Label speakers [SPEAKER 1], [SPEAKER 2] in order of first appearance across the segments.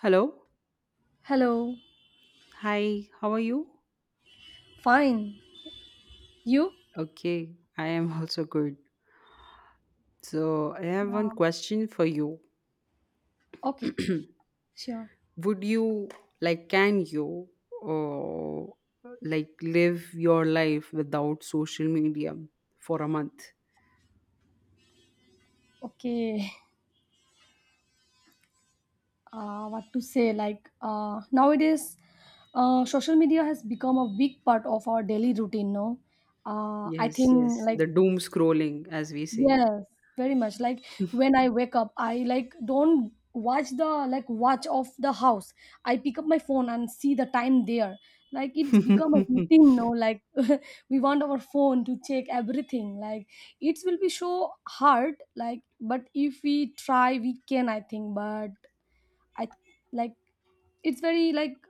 [SPEAKER 1] Hello.
[SPEAKER 2] Hello.
[SPEAKER 1] Hi, how are you?
[SPEAKER 2] Fine. You?
[SPEAKER 1] Okay, I am also good. So, I have one
[SPEAKER 2] Yeah.
[SPEAKER 1] question for you.
[SPEAKER 2] Okay. Sure.
[SPEAKER 1] Would you like can you uh, like live your life without social media for a month?
[SPEAKER 2] Okay. What to say? Nowadays, social media has become a big part of our daily routine. No, I
[SPEAKER 1] Yes,
[SPEAKER 2] think
[SPEAKER 1] yes.
[SPEAKER 2] like
[SPEAKER 1] The doom scrolling as we say.
[SPEAKER 2] Yes, very much. Like when I wake up, I don't watch the watch of the house. I pick up my phone and see the time there. Like it's become a routine now. Like we want our phone to check everything. Like it will be so hard. Like but if we try, we can, I think. But I like it's very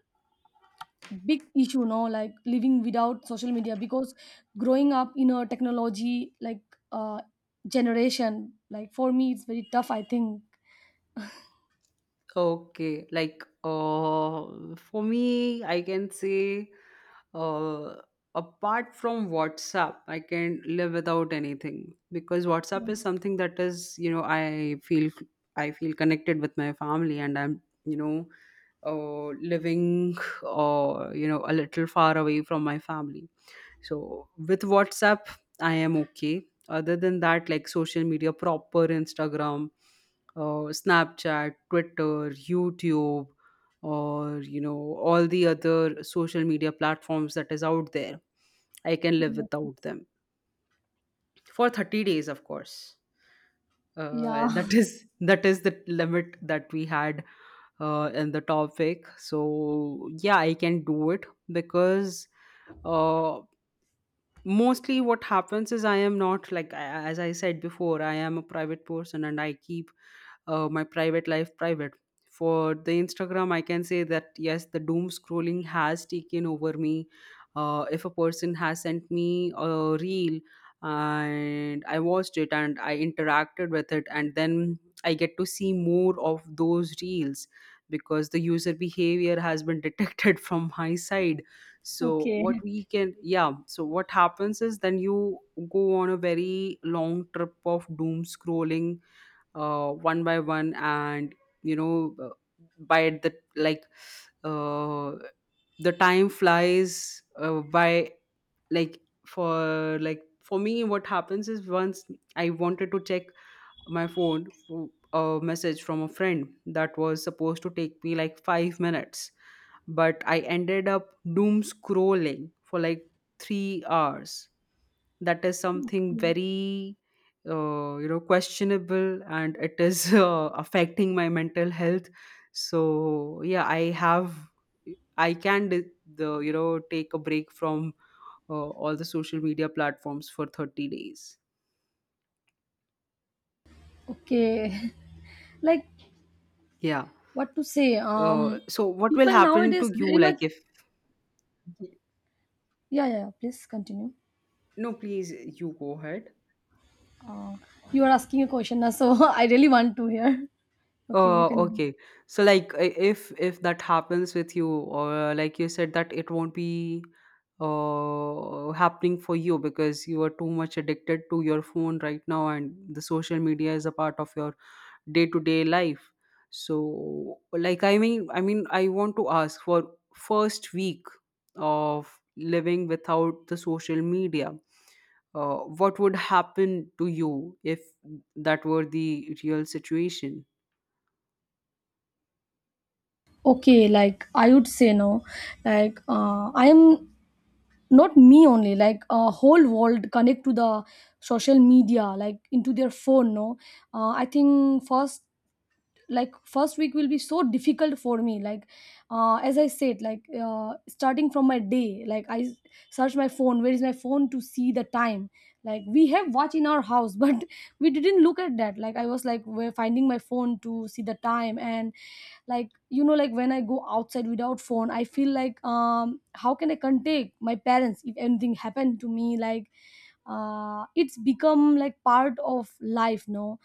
[SPEAKER 2] big issue no, like living without social media because growing up in a technology, uh generation, like for me it's very tough, I think.
[SPEAKER 1] Okay, for me, I can say uh, apart from WhatsApp, I can live without anything because WhatsApp is something that is, you know, I feel connected with my family and I'm, you know, living, you know, a little far away from my family. So with WhatsApp, I am okay. Other than that, like social media proper Instagram, Snapchat, Twitter, YouTube, or you know all the other social media platforms that is out there, I can live without them for 30 days, of course that
[SPEAKER 2] Yeah.
[SPEAKER 1] is that is the limit that we had in the topic, so yeah, I can do it because uh, mostly what happens is I am not like as I said before, I am a private person and I keep my private life private. For the Instagram, I can say that yes, the doom scrolling has taken over me. If a person has sent me a reel and I watched it and I interacted with it, and then I get to see more of those reels because the user behavior has been detected from my side. so what
[SPEAKER 2] Okay.
[SPEAKER 1] we can yeah so what happens is then you go on a very long trip of doom scrolling, one by one, and you know, by the like uh, the time flies by. like for me, what happens is once I wanted to check my phone, a message from a friend that was supposed to take me like 5 minutes, but I ended up doom scrolling for like 3 hours. That is something very you know, questionable, and it is affecting my mental health. So yeah, I can the, you know, take a break from all the social media platforms for 30 days.
[SPEAKER 2] Okay. Like
[SPEAKER 1] Yeah.
[SPEAKER 2] what to say?
[SPEAKER 1] So what will
[SPEAKER 2] People
[SPEAKER 1] happen to
[SPEAKER 2] nowadays
[SPEAKER 1] you
[SPEAKER 2] very
[SPEAKER 1] like
[SPEAKER 2] much.
[SPEAKER 1] if—
[SPEAKER 2] Yeah, yeah, yeah, please continue.
[SPEAKER 1] No, please, you go ahead.
[SPEAKER 2] uh, you are asking a question now, so I really want to hear. Okay, you can.
[SPEAKER 1] Okay. So if that happens with you, or like you said that it won't be happening for you because you are too much addicted to your phone right now and the social media is a part of your day-to-day life. So, like, I want to ask, for first week of living without the social media, what would happen to you if that were the real situation?
[SPEAKER 2] Okay, like I would say no, I am not me only, like a whole world connect to the social media like into their phone, no. I think first, like first week will be so difficult for me, as I said, starting from my day, like I search my phone, where is my phone, to see the time. Like we have watch in our house, but we didn't look at that. Like I was like we're finding my phone to see the time. And like you know like when I go outside without phone I feel like how can I contact my parents if anything happened to me, it's become like part of life, no.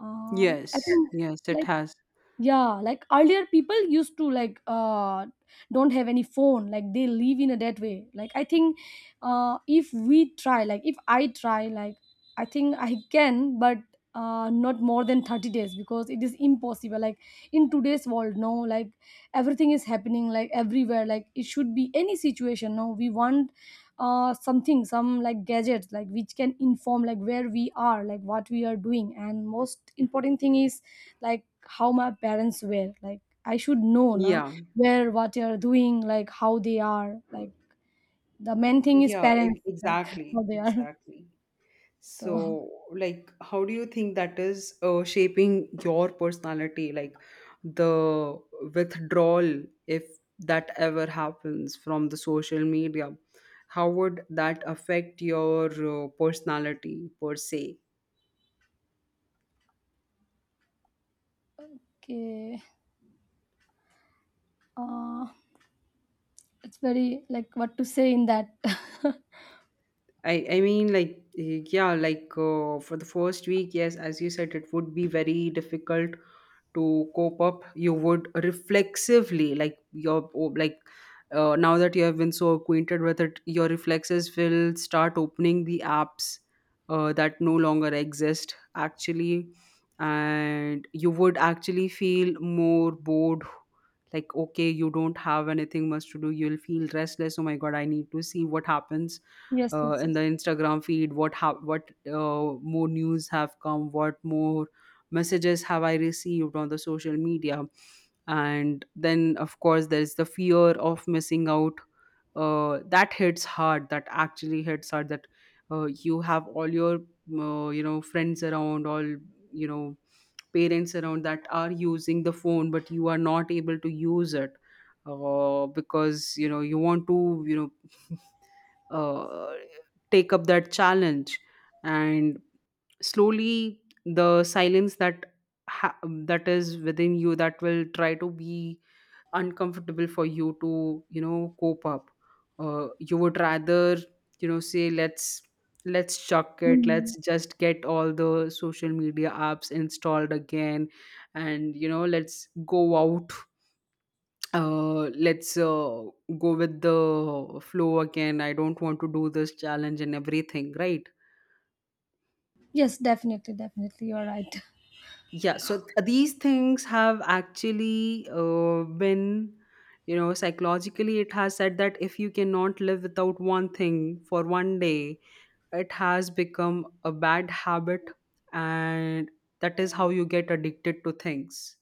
[SPEAKER 2] I
[SPEAKER 1] Yes,
[SPEAKER 2] think
[SPEAKER 1] yes, it
[SPEAKER 2] like
[SPEAKER 1] has.
[SPEAKER 2] yeah, like earlier people used to don't have any phone, like they live in a that way, like I think, if we try, like if I try, like I think I can, but not more than 30 days because it is impossible, like in today's world, no. Like everything is happening, like everywhere, like it should be any situation, no, we want something, some like gadgets, like which can inform like where we are, like what we are doing. And most important thing is like how my parents were, like I should know na,
[SPEAKER 1] Yeah,
[SPEAKER 2] where what they are doing, like how they are, like the main thing is parents, like
[SPEAKER 1] exactly,
[SPEAKER 2] how they are.
[SPEAKER 1] exactly.
[SPEAKER 2] So
[SPEAKER 1] So like, how do you think that is shaping your personality, like the withdrawal, if that ever happens, from the social media, how would that affect your personality per se?
[SPEAKER 2] okay. uh it's very like what to say in that.
[SPEAKER 1] I mean like, yeah, like for the first week, yes, as you said, it would be very difficult to cope up. You would reflexively, like your oh, like now that you have been so acquainted with it, your reflexes will start opening the apps that no longer exist actually. And you would actually feel more bored, like okay, you don't have anything much to do, you'll feel restless. Oh my god, I need to see what happens
[SPEAKER 2] Yes, yes,
[SPEAKER 1] in
[SPEAKER 2] yes.
[SPEAKER 1] the Instagram feed, what more news have come, what more messages have I received on the social media. And then of course, there is the fear of missing out, that hits hard, that actually hits hard, that you have all your you know, friends around, all you know, parents around that are using the phone, but you are not able to use it because you know, you want to you know, uh, take up that challenge. And slowly, the silence that ha- that is within you, that will try to be uncomfortable for you to, you know, cope up. You would rather, you know, say let's chuck it,
[SPEAKER 2] Hmm.
[SPEAKER 1] let's just get all the social media apps installed again and you know, let's go out, let's go with the flow again. I don't want to do this challenge and everything, right?
[SPEAKER 2] Yes, definitely, definitely you're right.
[SPEAKER 1] Yeah. So these things have actually been, you know, psychologically, it has said that if you cannot live without one thing for one day, it has become a bad habit. And that is how you get addicted to things.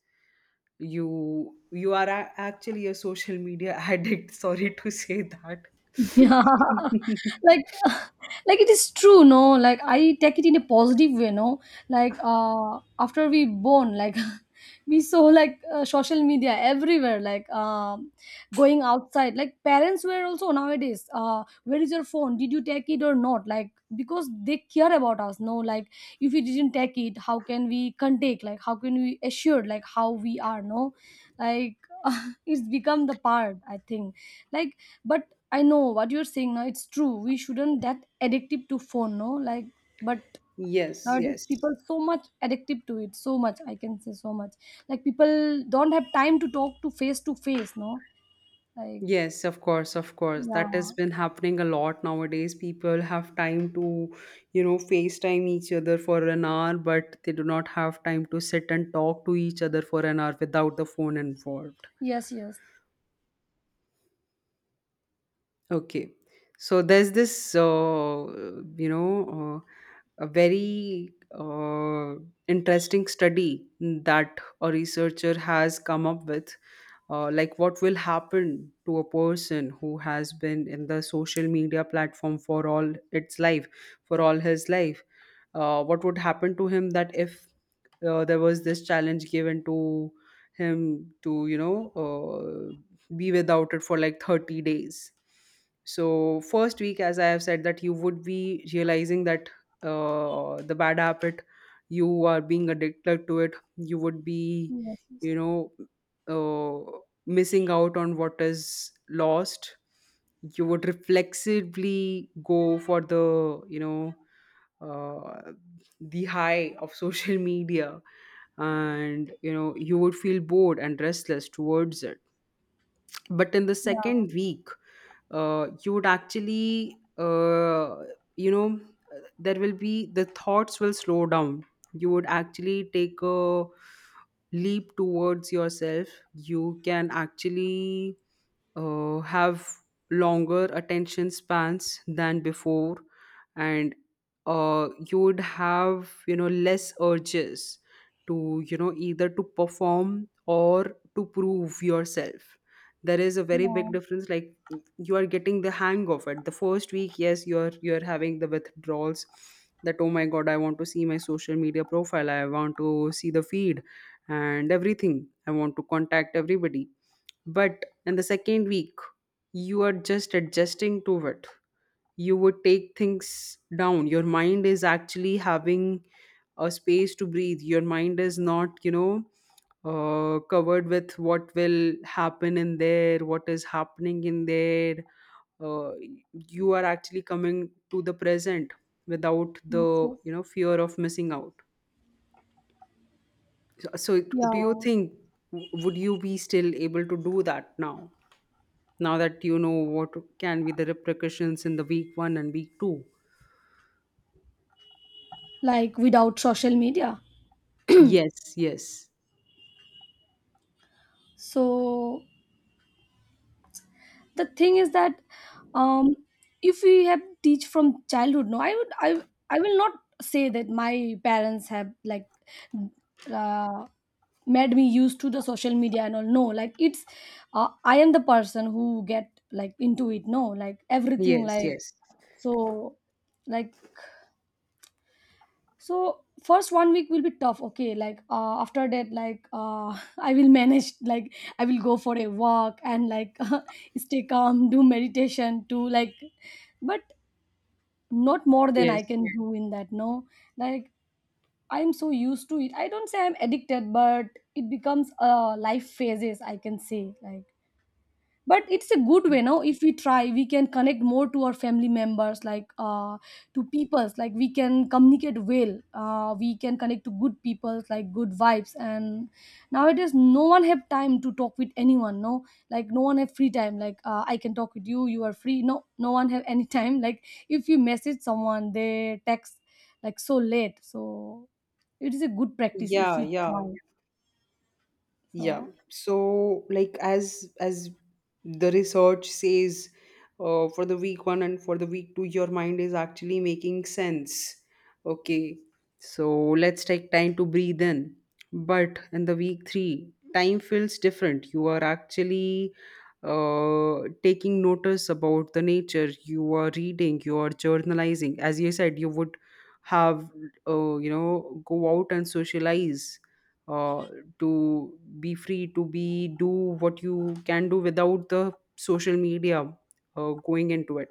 [SPEAKER 1] You are actually a social media addict, sorry to say that.
[SPEAKER 2] Yeah, like, like it is true, no. Like I take it in a positive way, no. After we born, like we saw social media everywhere, going outside. Like parents were also nowadays. Where is your phone? Did you take it or not? Like because they care about us, no. Like if we didn't take it, how can we contact? Like how can we assure? Like how we are, no. Like it's become the part, I think, like, but I know what you're saying now. It's true. We shouldn't that addictive to phone, no? Like, but
[SPEAKER 1] Yes,
[SPEAKER 2] nowadays
[SPEAKER 1] yes.
[SPEAKER 2] people so much addictive to it. So much, I can say so much. Like people don't have time to talk to face, no? Like,
[SPEAKER 1] Yes, of course, of course. That
[SPEAKER 2] yeah,
[SPEAKER 1] has been happening a lot nowadays. People have time to, you know, FaceTime each other for an hour, but they do not have time to sit and talk to each other for an hour without the phone involved.
[SPEAKER 2] yes, yes,
[SPEAKER 1] Okay. So there's this, you know, a very interesting study that a researcher has come up with, like what will happen to a person who has been in the social media platform for all his life. What would happen to him that if there was this challenge given to him to, you know, be without it for like 30 days? So first week, as I have said, that you would be realizing that the bad habit, you are being addicted to it, you would be,
[SPEAKER 2] yes, yes,
[SPEAKER 1] you know, uh, missing out on what is lost. You would reflexively go for the, you know, uh, the high of social media. And you know, you would feel bored and restless towards it. But in the
[SPEAKER 2] yeah,
[SPEAKER 1] second week, you would actually you know, there will be— the thoughts will slow down. You would actually take a leap towards yourself. You can actually have longer attention spans than before. And you would have, you know, less urges to, you know, either to perform or to prove yourself. There is a very
[SPEAKER 2] yeah,
[SPEAKER 1] big difference. Like, you are getting the hang of it the first week, yes, you're having the withdrawals, that oh my god, I want to see my social media profile, I want to see the feed and everything, I want to contact everybody. But in the second week, you are just adjusting to it. You would take things down. Your mind is actually having a space to breathe. Your mind is not, you know, covered with what will happen in there, what is happening in there. Uh, you are actually coming to the present without
[SPEAKER 2] yes,
[SPEAKER 1] the,
[SPEAKER 2] yes,
[SPEAKER 1] you know, fear of missing out. So do you
[SPEAKER 2] yeah.
[SPEAKER 1] think, would you be still able to do that now? Now that you know what can be the repercussions in the week one and week two.
[SPEAKER 2] Like without social media,
[SPEAKER 1] Yes, yes,
[SPEAKER 2] so the thing is that um, if we have teach from childhood no I will not say that my parents have uh, made me used to the social media and all, no, like it's I am the person who get like into it, no, like everything
[SPEAKER 1] yes, yes,
[SPEAKER 2] so like so first one week will be tough, okay, after that I will manage, like I will go for a walk and like stay calm, do meditation to like, but not more than
[SPEAKER 1] yes.
[SPEAKER 2] I can do in that, no. Like I'm so used to it, I don't say I'm addicted, but it becomes life phases, I can say, like but it's a good way now. If we try we can connect more to our family members, to peoples, like we can communicate well, we can connect to good peoples, like good vibes, and nowadays no one have time to talk with anyone, no, like no one have free time, I can talk with you, you are free, no, no one have any time. Like if you message someone they text like so late, so it is a good practice if
[SPEAKER 1] Yeah,
[SPEAKER 2] we try.
[SPEAKER 1] yeah. Yeah.
[SPEAKER 2] So
[SPEAKER 1] So, like, as the research says, for the week one and for the week two, your mind is actually making sense. Okay. So let's take time to breathe in. But in the week three, time feels different. You are actually taking notice about the nature. You are reading. You are journalizing. As you said, you would have you know, go out and socialize, uh, to be free, to be, do what you can do without the social media going into it.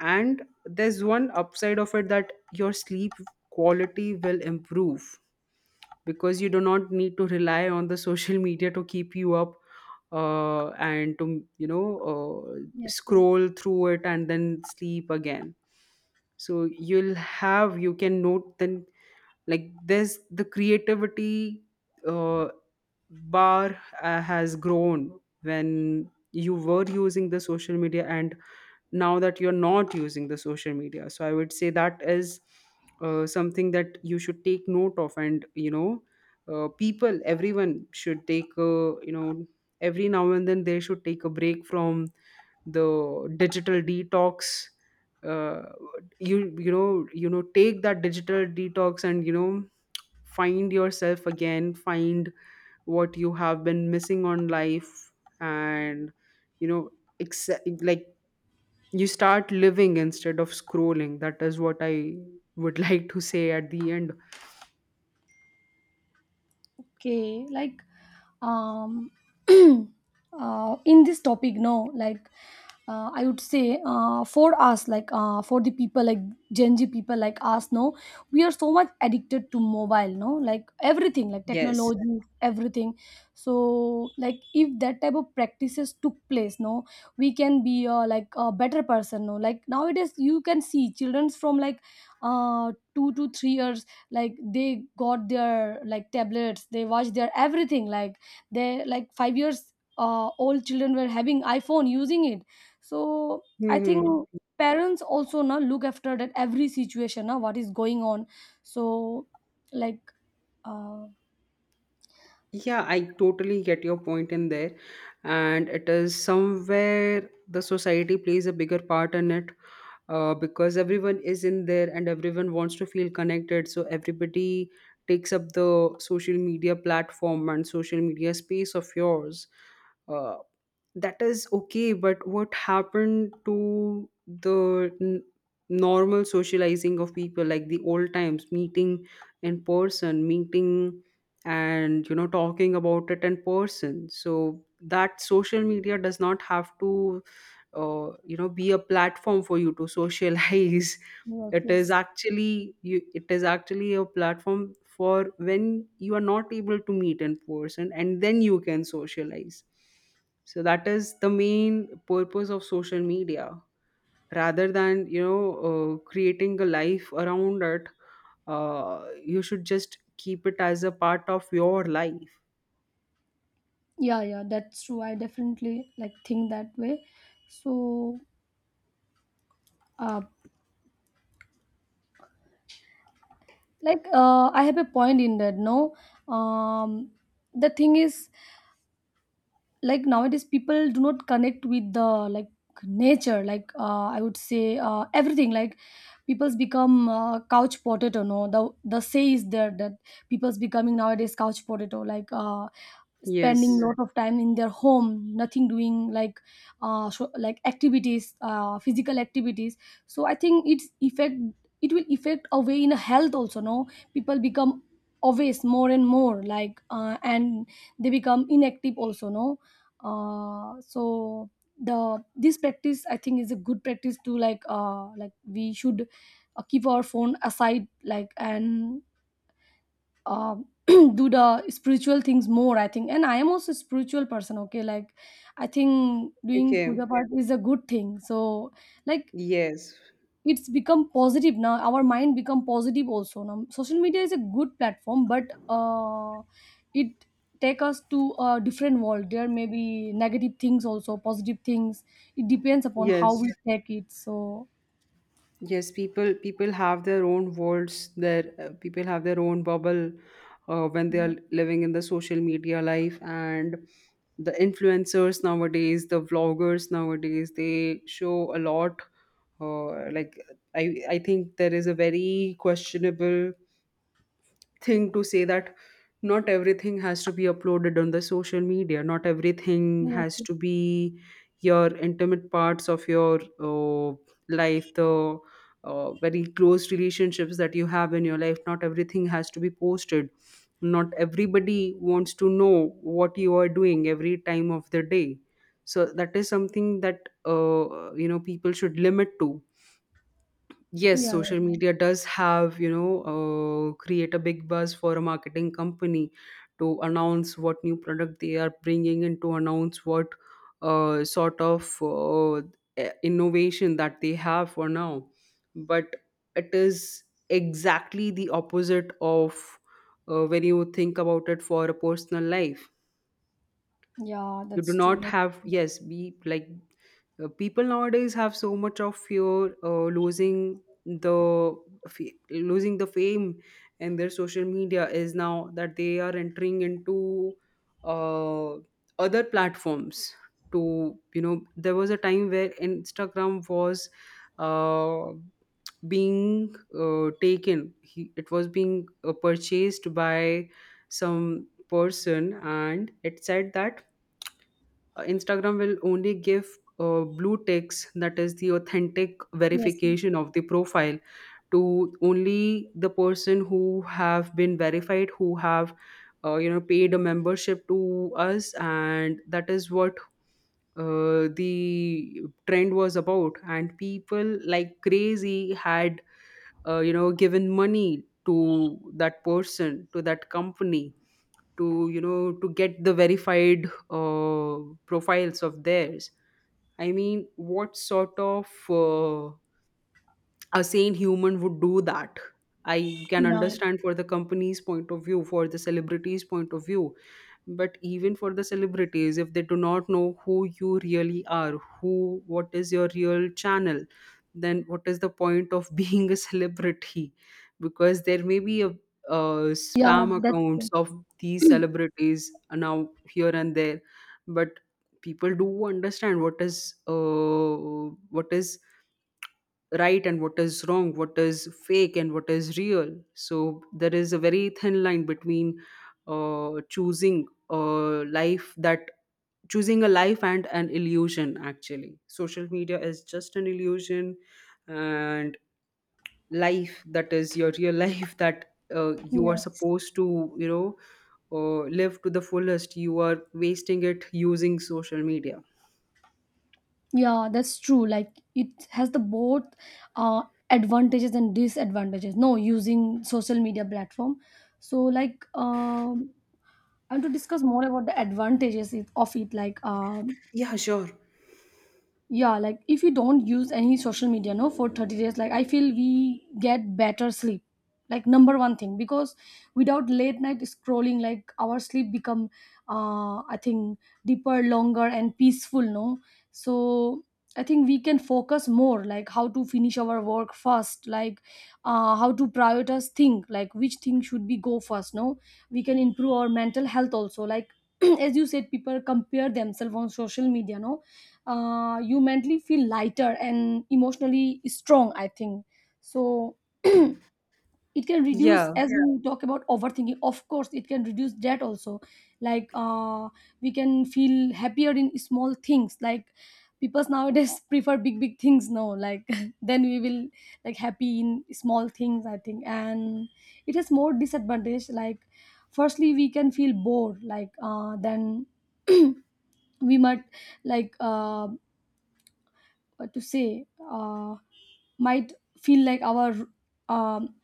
[SPEAKER 1] And there's one upside of it, that your sleep quality will improve because you do not need to rely on the social media to keep you up and to, you know,
[SPEAKER 2] yes, yes.
[SPEAKER 1] scroll through it and then sleep again. So you'll have, you can note then, like, there's the creativity uh, bar has grown when you were using the social media, and now that you're not using the social media. So I would say that is something that you should take note of. And you know, people, everyone should take a, you know, every now and then they should take a break from the digital detox. uh, you, you know, you know, take that digital detox and you know, find yourself again, find what you have been missing on life. And you know, accept, like, you start living instead of scrolling. That is what I would like to say at the end.
[SPEAKER 2] Okay, um in this topic, no, I would say for us, for the people, like gen Z people like us, no, we are so much addicted to mobile, no, like everything like
[SPEAKER 1] Yes.
[SPEAKER 2] technology everything. So like if that type of practices took place, no, we can be like a better person, no. Like nowadays you can see childrens from uh 2 to 3 years, like they got their like tablets, they watch their everything, like they like 5 years old children were having iphone using it. So I think
[SPEAKER 1] Hmm.
[SPEAKER 2] Mm. parents also now look after that every situation, now what is going on. So like uh
[SPEAKER 1] Yeah, I totally get your point in there. And it is somewhere the society plays a bigger part in it, because everyone is in there and everyone wants to feel connected. So everybody takes up the social media platform and social media space of yours. Uh, that is okay, but what happened to the normal socializing of people like the old times, meeting in person, meeting and talking about it in person so that social media does not have to be a platform for you to socialize.
[SPEAKER 2] yes,
[SPEAKER 1] it is
[SPEAKER 2] yes,
[SPEAKER 1] actually you it is actually a platform for when you are not able to meet in person, and then you can socialize. So that is the main purpose of social media, rather than creating a life around it. Uh, you should just keep it as a part of your life.
[SPEAKER 2] yeah, yeah, that's true. I definitely like think that way. So uh I have a point in that, no. um the thing is like nowadays people do not connect with the like nature, I would say everything like people's become couch potato, no. The say is there that people's becoming nowadays couch potato, spending
[SPEAKER 1] Yes.
[SPEAKER 2] lot of time in their home, nothing doing like, like activities, physical activities. So I think it's effect, it will affect away in health also, no, people become obvious more and more, and they become inactive also, no. uh so the this practice I think is a good practice to like we should keep our phone aside, like and uh, do the spiritual things more, I think, and I am also a spiritual person, okay. Like I think doing puja
[SPEAKER 1] Okay.
[SPEAKER 2] part is a good thing. So like
[SPEAKER 1] Yes.
[SPEAKER 2] it's become positive now, our mind become positive also now. Social media is a good platform, but it take us to a different world, there may be negative things also, positive things, it depends upon how
[SPEAKER 1] Yes.
[SPEAKER 2] we Yeah. take it. So
[SPEAKER 1] Yes. People have their own worlds. Their People have their own bubble when they
[SPEAKER 2] yeah.
[SPEAKER 1] are living in the social media life, and the influencers nowadays, the vloggers nowadays, they show a lot. Uh, like I I think there is a very questionable thing to say that not everything has to be uploaded on the social media, not everything
[SPEAKER 2] Yes,
[SPEAKER 1] has
[SPEAKER 2] yes.
[SPEAKER 1] to be your intimate parts of your uh, life, the very close relationships that you have in your life. Not everything has to be posted, not everybody wants to know what you are doing every time of the day. So that is something that people should limit to. Yes,
[SPEAKER 2] Yeah,
[SPEAKER 1] social
[SPEAKER 2] yeah,
[SPEAKER 1] media does have create a big buzz for a marketing company to announce what new product they are bringing and to announce what sort of innovation that they have for now. But it is exactly the opposite of when you think about it, for a personal life.
[SPEAKER 2] yeah,
[SPEAKER 1] You do
[SPEAKER 2] that's
[SPEAKER 1] not
[SPEAKER 2] true.
[SPEAKER 1] have yes be like, people nowadays have so much of fear, losing the f- losing the fame. And their social media is now that they are entering into uh, other platforms to there was a time where Instagram was uh, being taken he, it was being purchased by some person, and it said that Instagram will only give blue ticks, that is the authentic
[SPEAKER 2] Yes,
[SPEAKER 1] verification of the profile, to only the person who have been verified, who have paid a membership to us. And that is what the trend was about, and people like crazy had given money to that person, to that company, to to get the verified profiles of theirs. I mean, what sort of a sane human would do that? I can
[SPEAKER 2] yeah,
[SPEAKER 1] understand for the company's point of view, for the celebrity's point of view. But even for the celebrities, if they do not know who you really are, who, what is your real channel, then what is the point of being a celebrity? Because there may be a
[SPEAKER 2] yeah,
[SPEAKER 1] spam
[SPEAKER 2] that's
[SPEAKER 1] accounts
[SPEAKER 2] true.
[SPEAKER 1] of these celebrities now here and there. But people do understand what is what is right and what is wrong, what is fake and what is real. So there is a very thin line between uh, choosing a life that choosing a life and an illusion. Actually, social media is just an illusion, and life that is your real life that you are
[SPEAKER 2] Yes.
[SPEAKER 1] supposed to live to the fullest, you are wasting it using social media.
[SPEAKER 2] Yeah, that's true. Like it has the both uh, advantages and disadvantages, no, using social media platform. So and to discuss more about the advantages it- of it,
[SPEAKER 1] Yeah, sure.
[SPEAKER 2] yeah, like if you don't use any social media, no, for 30 days, like I feel we get better sleep, like number one thing, because without late night scrolling like our sleep become I think deeper, longer and peaceful, no. So I think we can focus more, like how to finish our work first, how to prioritize think, like which thing should be go first, no. We can improve our mental health also, like as you said people compare themselves on social media, no. You mentally feel lighter and emotionally strong, I think. So it can reduce,
[SPEAKER 1] Yeah.
[SPEAKER 2] as Yeah. we talk about overthinking, of course it can reduce that also, like uh, we can feel happier in small things. Like people nowadays prefer big big things, no, like then we will like happy in small things, I think. And it has more disadvantage, like firstly we can feel bored, then we might like uh, what to say, might feel like our um,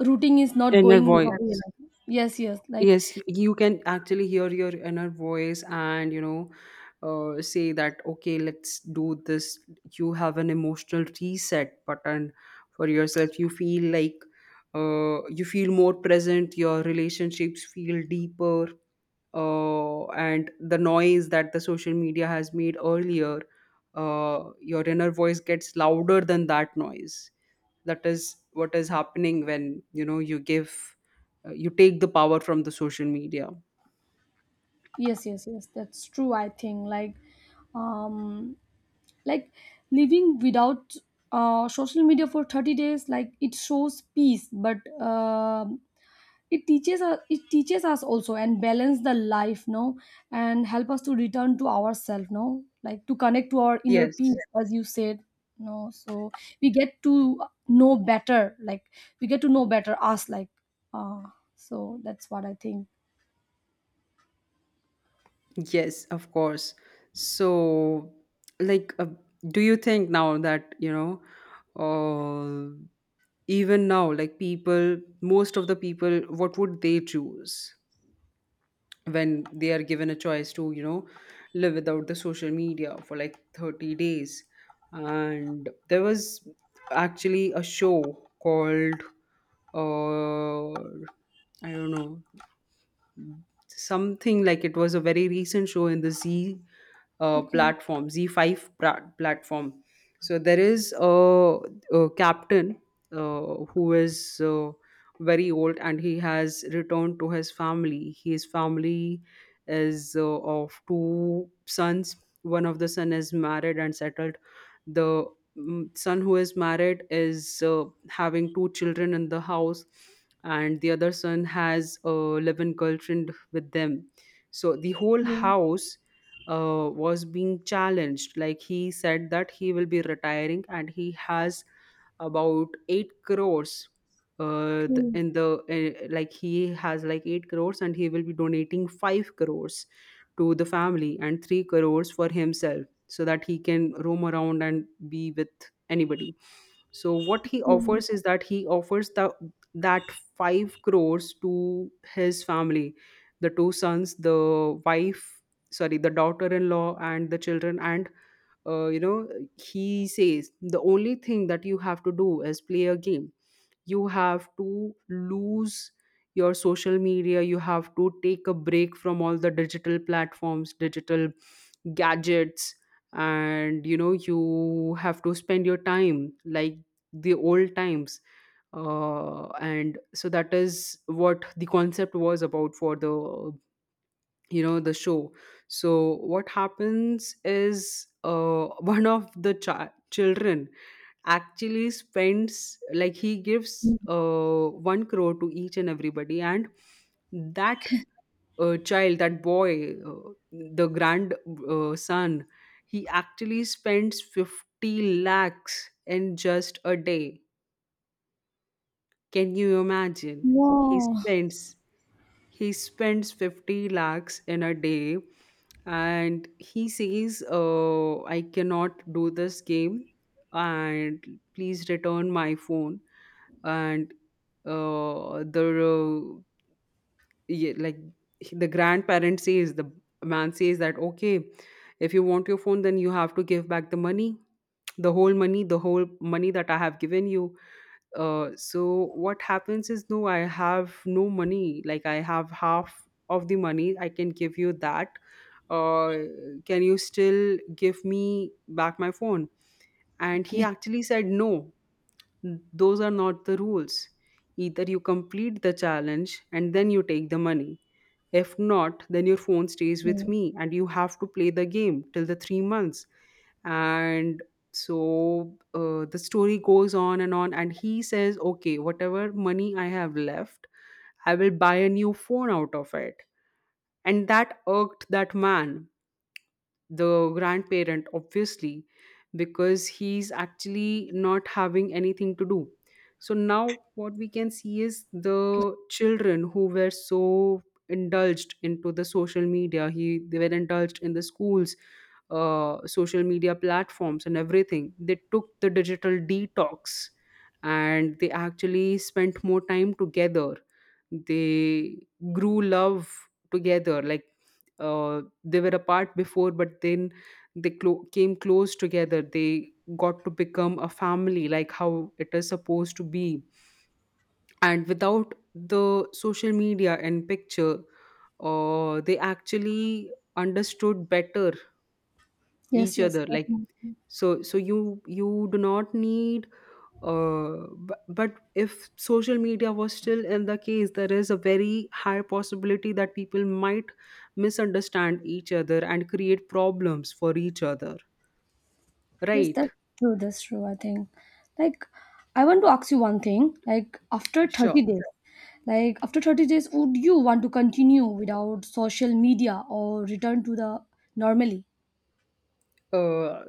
[SPEAKER 2] routing is not
[SPEAKER 1] Inner
[SPEAKER 2] going how we
[SPEAKER 1] voice.
[SPEAKER 2] like. Yes, yes, like
[SPEAKER 1] Yes, you can actually hear your inner voice and say that okay, let's do this. You have an emotional reset button for yourself. You feel like you feel more present, your relationships feel deeper, and the noise that the social media has made earlier, your inner voice gets louder than that noise. That is what is happening when you give, you take the power from the social media.
[SPEAKER 2] yes, yes, yes, that's true. I think um like living without social media for 30 days, like it shows peace but it teaches us, it teaches us also and balance the life, no, and help us to return to ourselves, no, like to connect to our inner
[SPEAKER 1] Yes,
[SPEAKER 2] peace as you said, no. So we get to know better, like we get to know better us, like uh so that's what I think.
[SPEAKER 1] yes, of course. So, like, uh, do you think now that uh, even now, like people, most of the people, what would they choose when they are given a choice to live without the social media for like 30 days? And there was actually a show called I don't know something like it was a very recent show in the Z
[SPEAKER 2] Okay.
[SPEAKER 1] platform, platform. So there is a captain who is very old, and he has returned to his family. His family is of two sons. One of the son is married and settled. The son who is married is having two children in the house, and the other son has a live-in girlfriend with them. So the whole
[SPEAKER 2] Okay.
[SPEAKER 1] house was being challenged. Like he said that he will be retiring and he has about 8 crores, the,
[SPEAKER 2] Okay,
[SPEAKER 1] in the like he has like 8 crores, and he will be donating 5 crores to the family and 3 crores for himself, so that he can roam around and be with anybody. So what he
[SPEAKER 2] okay.
[SPEAKER 1] offers is that he offers the that five crores to his family, the two sons, the wife, sorry, the daughter-in-law and the children. And uh, you know, he says the only thing that you have to do is play a game. You have to lose your social media, you have to take a break from all the digital platforms, digital gadgets, and you have to spend your time like the old times. Uh, and so that is what the concept was about for the the show. So what happens is one of the children actually spends, like he gives 1 crore to each and everybody. And that child that boy the grand son, he actually spends 50 lakhs in just a day. Can you imagine? he
[SPEAKER 2] Wow.
[SPEAKER 1] spends he spends 50 lakhs in a day. And he says, I cannot do this game, and please return my phone. And the yeah, like he- the grandparent says, the man says that okay, if you want your phone, then you have to give back the money, the whole money, the whole money that I have given you. So what happens is no, I have no money, like I have half of the money, I can give you that, uh, can you still give me back my phone? And he
[SPEAKER 2] Okay.
[SPEAKER 1] actually said no, those are not the rules. Either you complete the challenge and then you take the money. If not, then your phone stays with
[SPEAKER 2] Yeah.
[SPEAKER 1] me, and you have to play the game till the 3 months. And so the story goes on. And he says, okay, whatever money I have left, I will buy a new phone out of it. And that irked that man, the grandparent, obviously, because he's actually not having anything to do. So now what we can see is the children who were so indulged into the social media, he they were indulged in the schools social media platforms and everything, they took the digital detox, and they actually spent more time together. They grew love together, like uh, they were apart before, but then they came close together. They got to become a family, like how it is supposed to be. And without the social media and picture, they actually understood better
[SPEAKER 2] Yes,
[SPEAKER 1] each
[SPEAKER 2] yes.
[SPEAKER 1] other, like. So you do not need but if social media was still in the case, there is a very high possibility that people might misunderstand each other and create problems for each other,
[SPEAKER 2] Yes,
[SPEAKER 1] right?
[SPEAKER 2] that's true. That's true. I think, like, I want to ask you one thing. Like, after
[SPEAKER 1] Sure.
[SPEAKER 2] 30 days, like, after 30 days, would you want to continue without social media or return to the normally?
[SPEAKER 1] uh,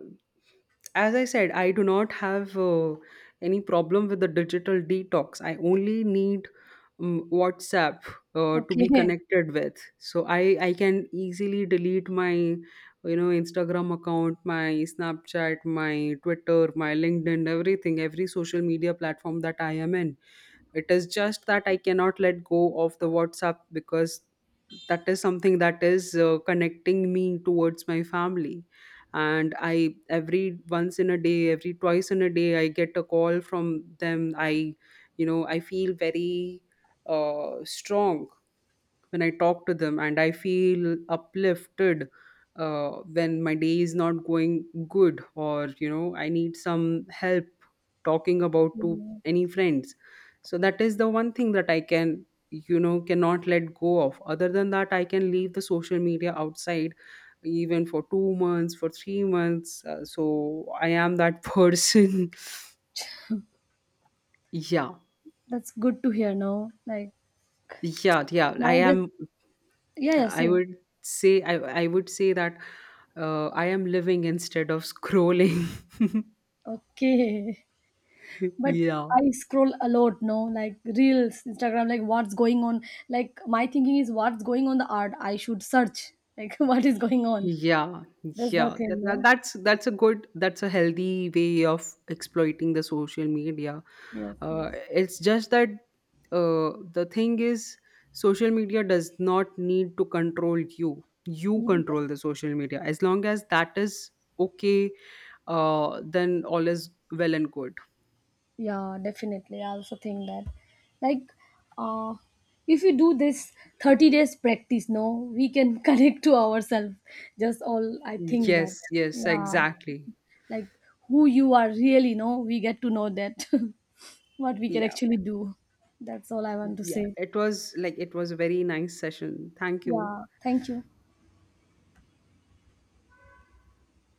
[SPEAKER 1] as I said, I do not have any problem with the digital detox. I only need WhatsApp to be
[SPEAKER 2] Okay.
[SPEAKER 1] connected with, so I can easily delete my Instagram account, my Snapchat, my Twitter, my LinkedIn, everything, every social media platform that I am in. It is just that I cannot let go of the WhatsApp, because that is something that is connecting me towards my family. And I every once in a day, every twice in a day, I get a call from them. I I feel very strong when I talk to them, and I feel uplifted when my day is not going good, or, I need some help talking about to
[SPEAKER 2] Yeah.
[SPEAKER 1] any friends. So that is the one thing that I can, cannot let go of. Other than that, I can leave the social media outside even for 2 months, for 3 months. So I am that person. Yeah.
[SPEAKER 2] That's good to hear, no, like,
[SPEAKER 1] Yeah, yeah. I
[SPEAKER 2] now this,
[SPEAKER 1] am
[SPEAKER 2] yeah, yeah,
[SPEAKER 1] I
[SPEAKER 2] same.
[SPEAKER 1] would say I would say that I am living instead of scrolling.
[SPEAKER 2] Okay. But
[SPEAKER 1] Yeah.
[SPEAKER 2] I scroll a lot, no? Like, Reels, Instagram, like, what's going on? Like, my thinking is, what's going on the art? I should search. Like, what is going on?
[SPEAKER 1] Yeah,
[SPEAKER 2] That's the
[SPEAKER 1] yeah.
[SPEAKER 2] thing,
[SPEAKER 1] That, that,
[SPEAKER 2] no?
[SPEAKER 1] that's that's a good, that's a healthy way of exploiting the social media.
[SPEAKER 2] Yes, yes,
[SPEAKER 1] It's just that the thing is social media does not need to control you. You
[SPEAKER 2] yes.
[SPEAKER 1] control the social media. As long as that is okay, then all is well and good.
[SPEAKER 2] Yeah, definitely I also think that, like uh if you do this 30 days practice, no, we can connect to ourselves, just all I think that.
[SPEAKER 1] Yes, yes,
[SPEAKER 2] Yeah,
[SPEAKER 1] exactly.
[SPEAKER 2] like who you are really, no, we get to know that, what we can
[SPEAKER 1] Yeah,
[SPEAKER 2] actually do. That's all I want to
[SPEAKER 1] yeah.
[SPEAKER 2] say.
[SPEAKER 1] It was like it was a very nice session. Thank you.
[SPEAKER 2] Yeah, thank you.